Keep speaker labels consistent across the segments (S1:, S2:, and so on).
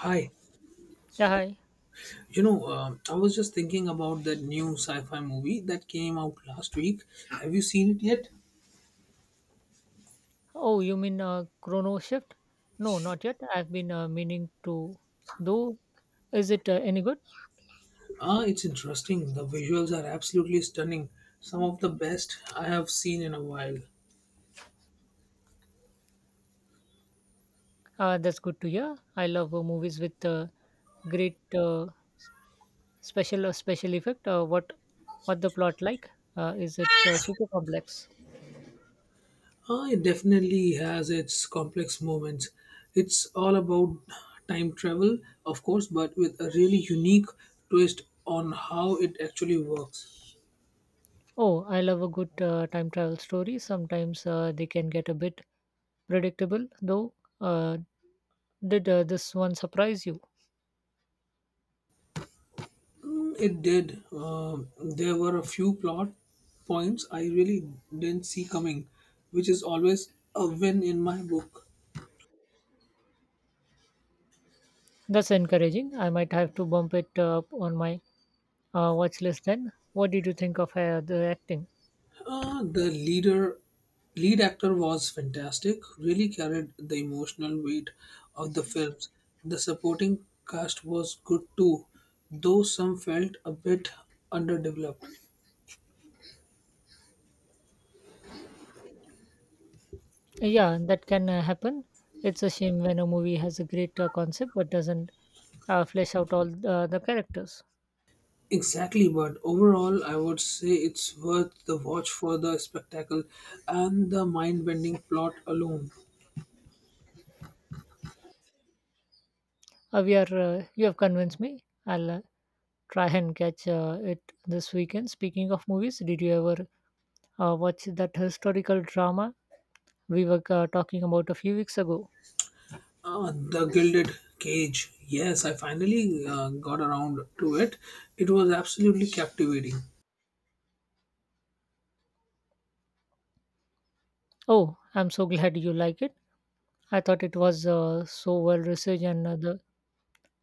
S1: Hi,
S2: Yeah, hi.
S1: I was just thinking about that new sci-fi movie that came out last week. Have you seen it yet?
S2: Oh, you mean Chrono Shift? No, not yet. I've been meaning to. Though, is it any good?
S1: Ah, it's interesting. The visuals are absolutely stunning. Some of the best I have seen in a while.
S2: That's good to hear. I love movies with great s- special special effect. What the plot like? Is it super complex?
S1: Ah, it definitely has its complex moments. It's all about time travel, of course, but with a really unique twist on how it actually works.
S2: Oh, I love a good time travel story. Sometimes they can get a bit predictable, though. Uh, did this one surprise you?
S1: It did. There were a few plot points I really didn't see coming, which is always a win in my book.
S2: That's encouraging. I might have to bump it up on my watch list. Then what did you think of the acting?
S1: The lead actor was fantastic. Really carried the emotional weight of the films. The supporting cast was good too, though some felt a bit underdeveloped.
S2: Yeah, that can happen. It's a shame when a movie has a great concept but doesn't flesh out all the characters.
S1: Exactly, but overall, I would say it's worth the watch for the spectacle and the mind bending plot alone.
S2: We are You have convinced me. I'll try and catch it this weekend. Speaking of movies, did you ever watch that historical drama we were talking about a few weeks ago?
S1: The Gilded Cage. Yes, I finally got around to it. It was absolutely captivating.
S2: Oh, I'm so glad you like it. I thought it was so well researched, and the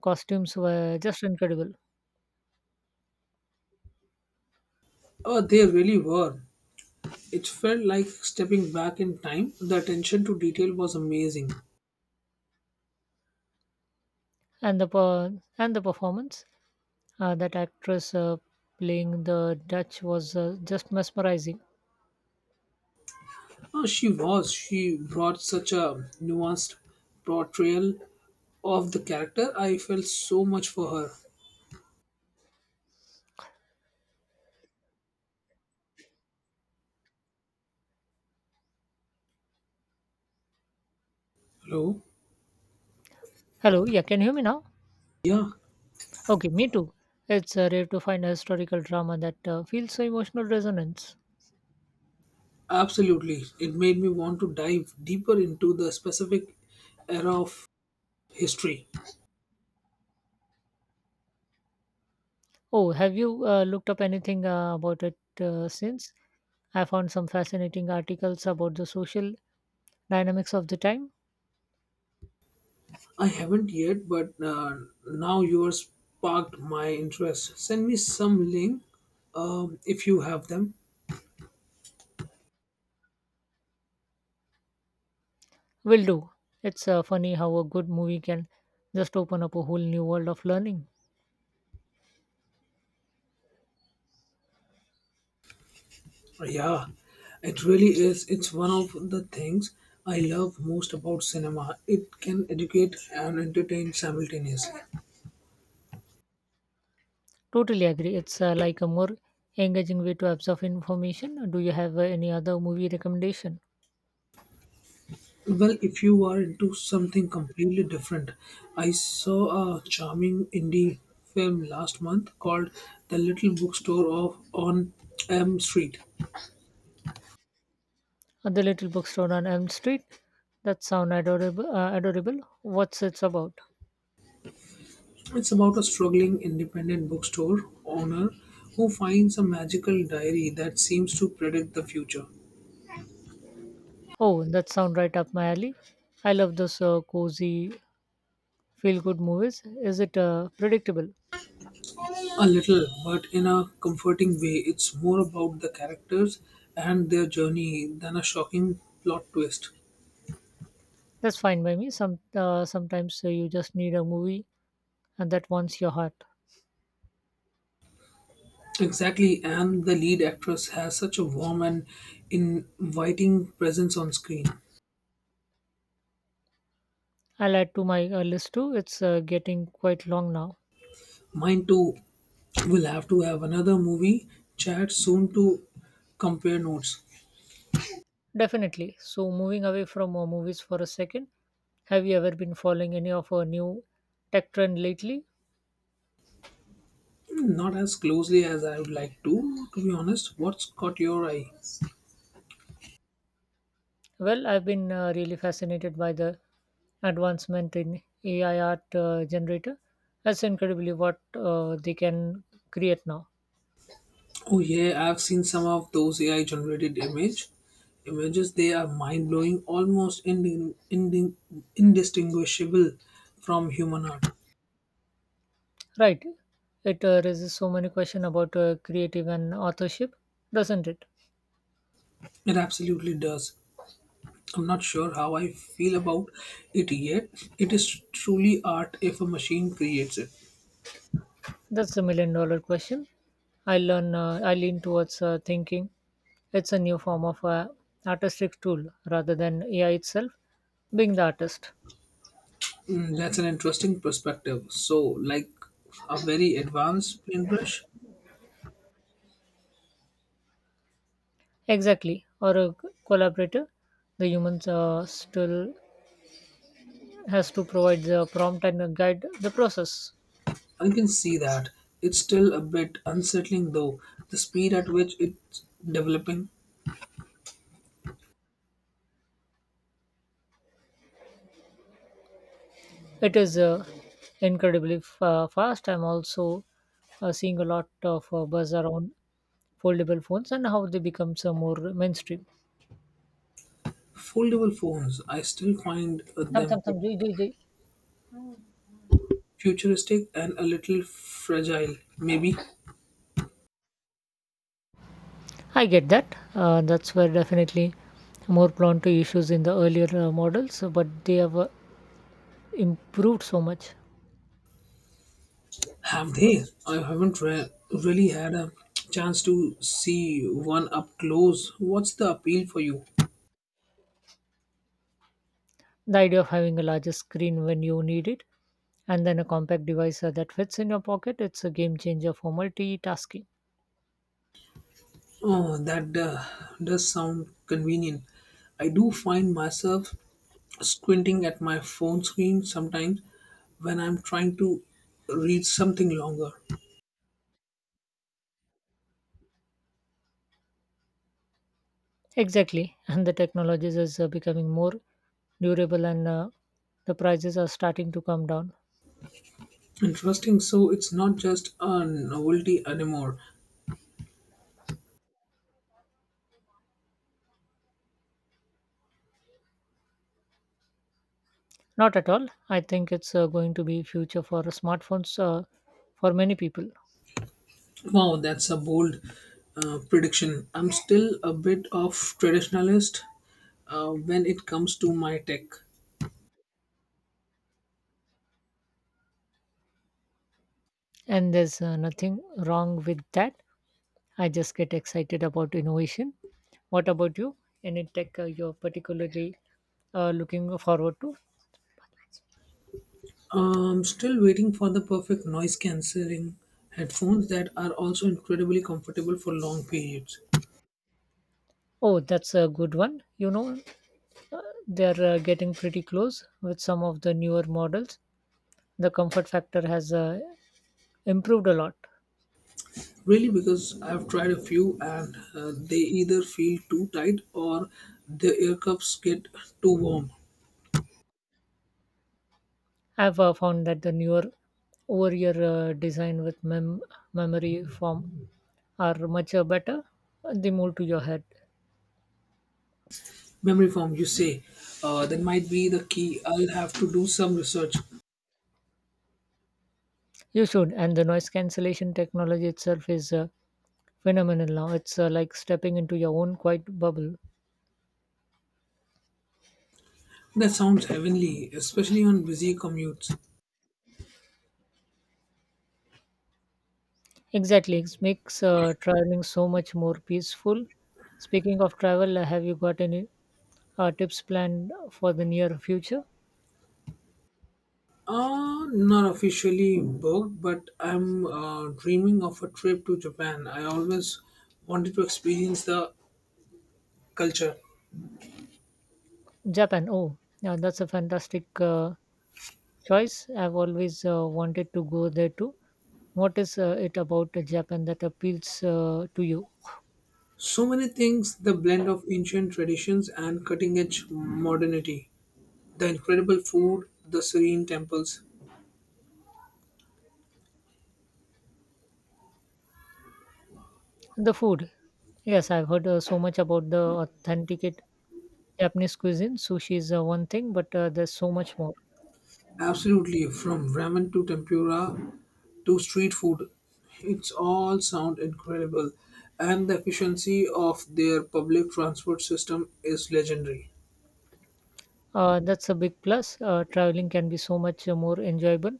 S2: costumes were just incredible.
S1: Oh, they really were. It felt like stepping back in time. The attention to detail was amazing.
S2: and the per- and the performance, that actress playing the Dutch, was just mesmerizing.
S1: Oh, she was. She brought such a nuanced portrayal of the character. I felt so much for her. Hello?
S2: Hello, yeah, can you hear me now?
S1: Yeah,
S2: Okay, me too. It's rare to find a historical drama that feels so emotional resonance.
S1: absolutely. It made me want to dive deeper into the specific era of history.
S2: Oh, have you looked up anything about it since? I found some fascinating articles about the social dynamics of the time.
S1: I haven't yet, but now you are sparked my interest. Send me some link if you have them.
S2: Will do. It's funny how a good movie can just open up a whole new world of learning.
S1: Yeah, it really is. It's one of the things I love most about cinema. It can educate and entertain simultaneously.
S2: Totally agree. It's like a more engaging way to absorb information. Do you have any other movie recommendation?
S1: Well, if you are into something completely different, I saw a charming indie film last month called The Little Bookstore of on M Street.
S2: The Little Bookstore on Elm Street. That sound adorable. Adorable. What's it's about?
S1: It's about a struggling independent bookstore owner who finds a magical diary that seems to predict the future.
S2: Oh, that sound right up my alley. I love those cozy, feel-good movies. Is it predictable?
S1: A little, but in a comforting way, it's more about the characters and their journey than a shocking plot twist.
S2: That's fine by me. Sometimes you just need a movie, and that warms your heart.
S1: Exactly, and the lead actress has such a warm and inviting presence on screen.
S2: I'll add to my list too. It's getting quite long now.
S1: Mine too will have to have another movie chat soon to compare notes.
S2: Definitely. So, moving away from movies for a second, have you ever been following any of a new tech trend lately?
S1: Hmm, not as closely as I would like to be honest. What's caught your eye?
S2: Well, I've been really fascinated by the advancement in AI art generator. That's incredibly what they can create now.
S1: Oh yeah, I've seen some of those AI generated images. They are mind blowing, almost indistinguishable from human art.
S2: Right? It raises so many questions about creative and authorship, doesn't it?
S1: It absolutely does. I'm not sure how I feel about it yet. It is truly art if a machine creates it.
S2: That's $1 million question. I learn. I lean towards thinking it's a new form of artistic tool rather than AI itself being the artist.
S1: Hmm, that's an interesting perspective. So, like a very advanced paintbrush.
S2: Exactly, or a collaborator. The humans still has to provide the prompt and guide the process.
S1: I can see that. It's still a bit unsettling though, the speed at which it's developing.
S2: It is incredibly fast. I'm also seeing a lot of buzz around foldable phones and how they become some more mainstream.
S1: Foldable phones, I still find
S2: Thumb,
S1: them a
S2: thumb,
S1: bit
S2: thumb, joy, joy, joy.
S1: futuristic and a little fragile. Maybe
S2: I get that. That's where definitely more prone to issues in the earlier models, but they have improved so much.
S1: have they? I haven't really had a chance to see one up close. What's the appeal for you?
S2: The idea of having a larger screen when you need it, and then a compact device that fits in your pocket, it's a game changer for multitasking.
S1: Oh, that does sound convenient. I do find myself squinting at my phone screen sometimes when I'm trying to read something longer.
S2: Exactly. And the technologies is becoming more durable, and the prices are starting to come down.
S1: Interesting. So it's not just a novelty anymore.
S2: Not at all. I think it's going to be future for smartphones for many people.
S1: Wow, that's a bold prediction. I'm still a bit of traditionalist when it comes to my tech.
S2: And there's nothing wrong with that. I just get excited about innovation. What about you? Any tech you're particularly looking forward to?
S1: I'm still waiting for the perfect noise cancelling headphones that are also incredibly comfortable for long periods.
S2: Oh, that's a good one. You know, uh, they're getting pretty close with some of the newer models. The comfort factor has improved a lot.
S1: Really, because I've tried a few and they either feel too tight or the air cups get too warm.
S2: I've found that the newer over year design with memory foam are much better. They move to your head.
S1: Memory foam, you say. That might be the key. I'll have to do some research.
S2: You should. And the noise cancellation technology itself is phenomenal now. It's like stepping into your own quiet bubble.
S1: That sounds heavenly, especially on busy commutes.
S2: Exactly, it makes traveling so much more peaceful. Speaking of travel, have you got any tips planned for the near future?
S1: Not officially booked, but I'm dreaming of a trip to Japan. I always wanted to experience the culture.
S2: Japan. Oh, yeah, that's a fantastic choice. I've always wanted to go there too. What is it about Japan that appeals to you?
S1: So many things the blend of ancient traditions and cutting edge modernity. The incredible food, the serene temples.
S2: The food. Yes, I've heard so much about the authentic Japanese cuisine. Sushi is one thing, but there's so much more.
S1: Absolutely, from ramen to tempura to street food. It's all sound incredible. And the efficiency of their public transport system is legendary.
S2: That's a big plus. Traveling can be so much more enjoyable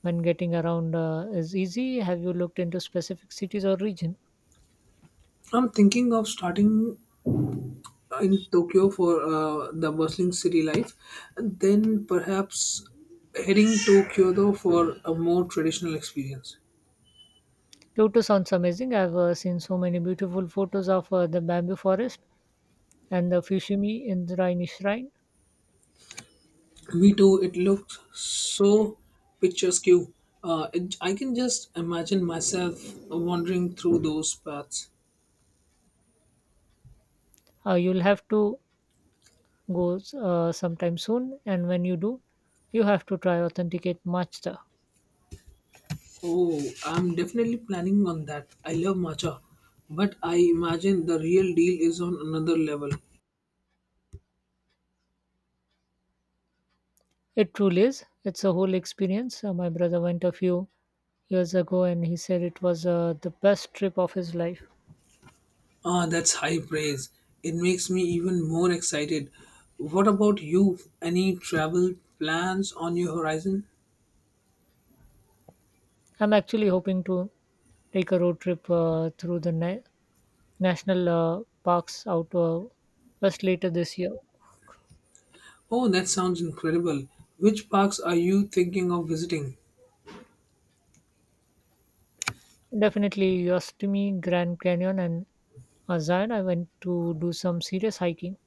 S2: when getting around is easy. Have you looked into specific cities or region?
S1: I'm thinking of starting in Tokyo for the bustling city life, and then perhaps heading to Kyoto for a more traditional experience.
S2: Kyoto sounds amazing. I've seen so many beautiful photos of the bamboo forest and the Fushimi Indraini shrine.
S1: Me too. It looks so picturesque. I can just imagine myself wandering through those paths.
S2: You'll have to go sometime soon, and when you do, you have to try authenticate matcha.
S1: Oh, I'm definitely planning on that. I love matcha, but I imagine the real deal is on another level.
S2: It truly is. It's a whole experience. My brother went a few years ago, and he said it was the best trip of his life.
S1: Ah, that's high praise. It makes me even more excited. What about you? Any travel plans on your horizon?
S2: I'm actually hoping to take a road trip through the national parks out west later this year.
S1: Oh, that sounds incredible. Which parks are you thinking of visiting?
S2: Definitely Yosemite, Grand Canyon, and Zion. I went to do some serious hiking.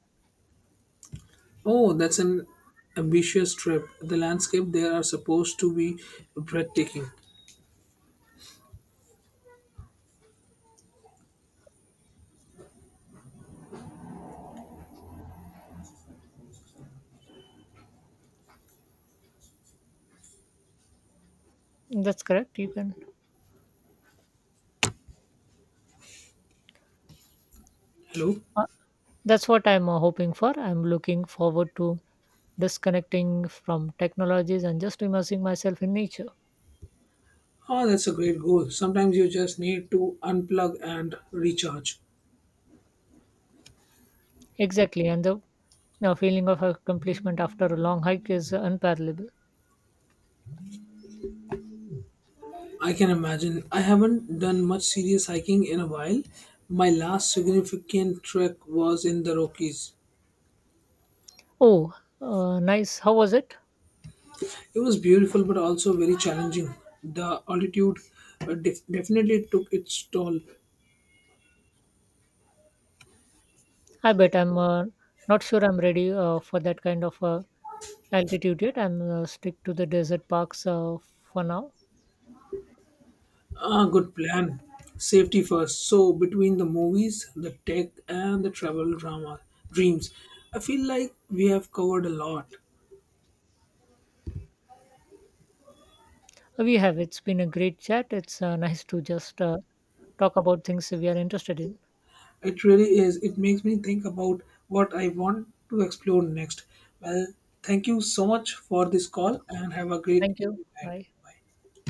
S1: Oh, that's an ambitious trip. The landscape there are supposed to be breathtaking.
S2: That's correct. You can.
S1: Hello?
S2: Uh, that's what I'm hoping for. I'm looking forward to disconnecting from technologies and just immersing myself in nature.
S1: Oh, that's a great goal. Sometimes you just need to unplug and recharge.
S2: Exactly, and the feeling of accomplishment after a long hike is unparalleled.
S1: I can imagine. I haven't done much serious hiking in a while. My last significant trek was in the Rockies.
S2: Oh, nice. How was it?
S1: It was beautiful but also very challenging. The altitude definitely took its toll.
S2: I bet. I'm not sure I'm ready for that kind of altitude yet. I'm stick to the desert parks for now.
S1: Ah, good plan. Safety first. So between the movies, the tech, and the travel drama dreams, I feel like we have covered a lot.
S2: We have. It's been a great chat. It's nice to just talk about things we are interested in.
S1: It really is. It makes me think about what I want to explore next. Well, thank you so much for this
S2: Yeah.
S1: call, and have a great
S2: Thank you.
S1: evening ahead.
S2: Bye.
S1: Bye.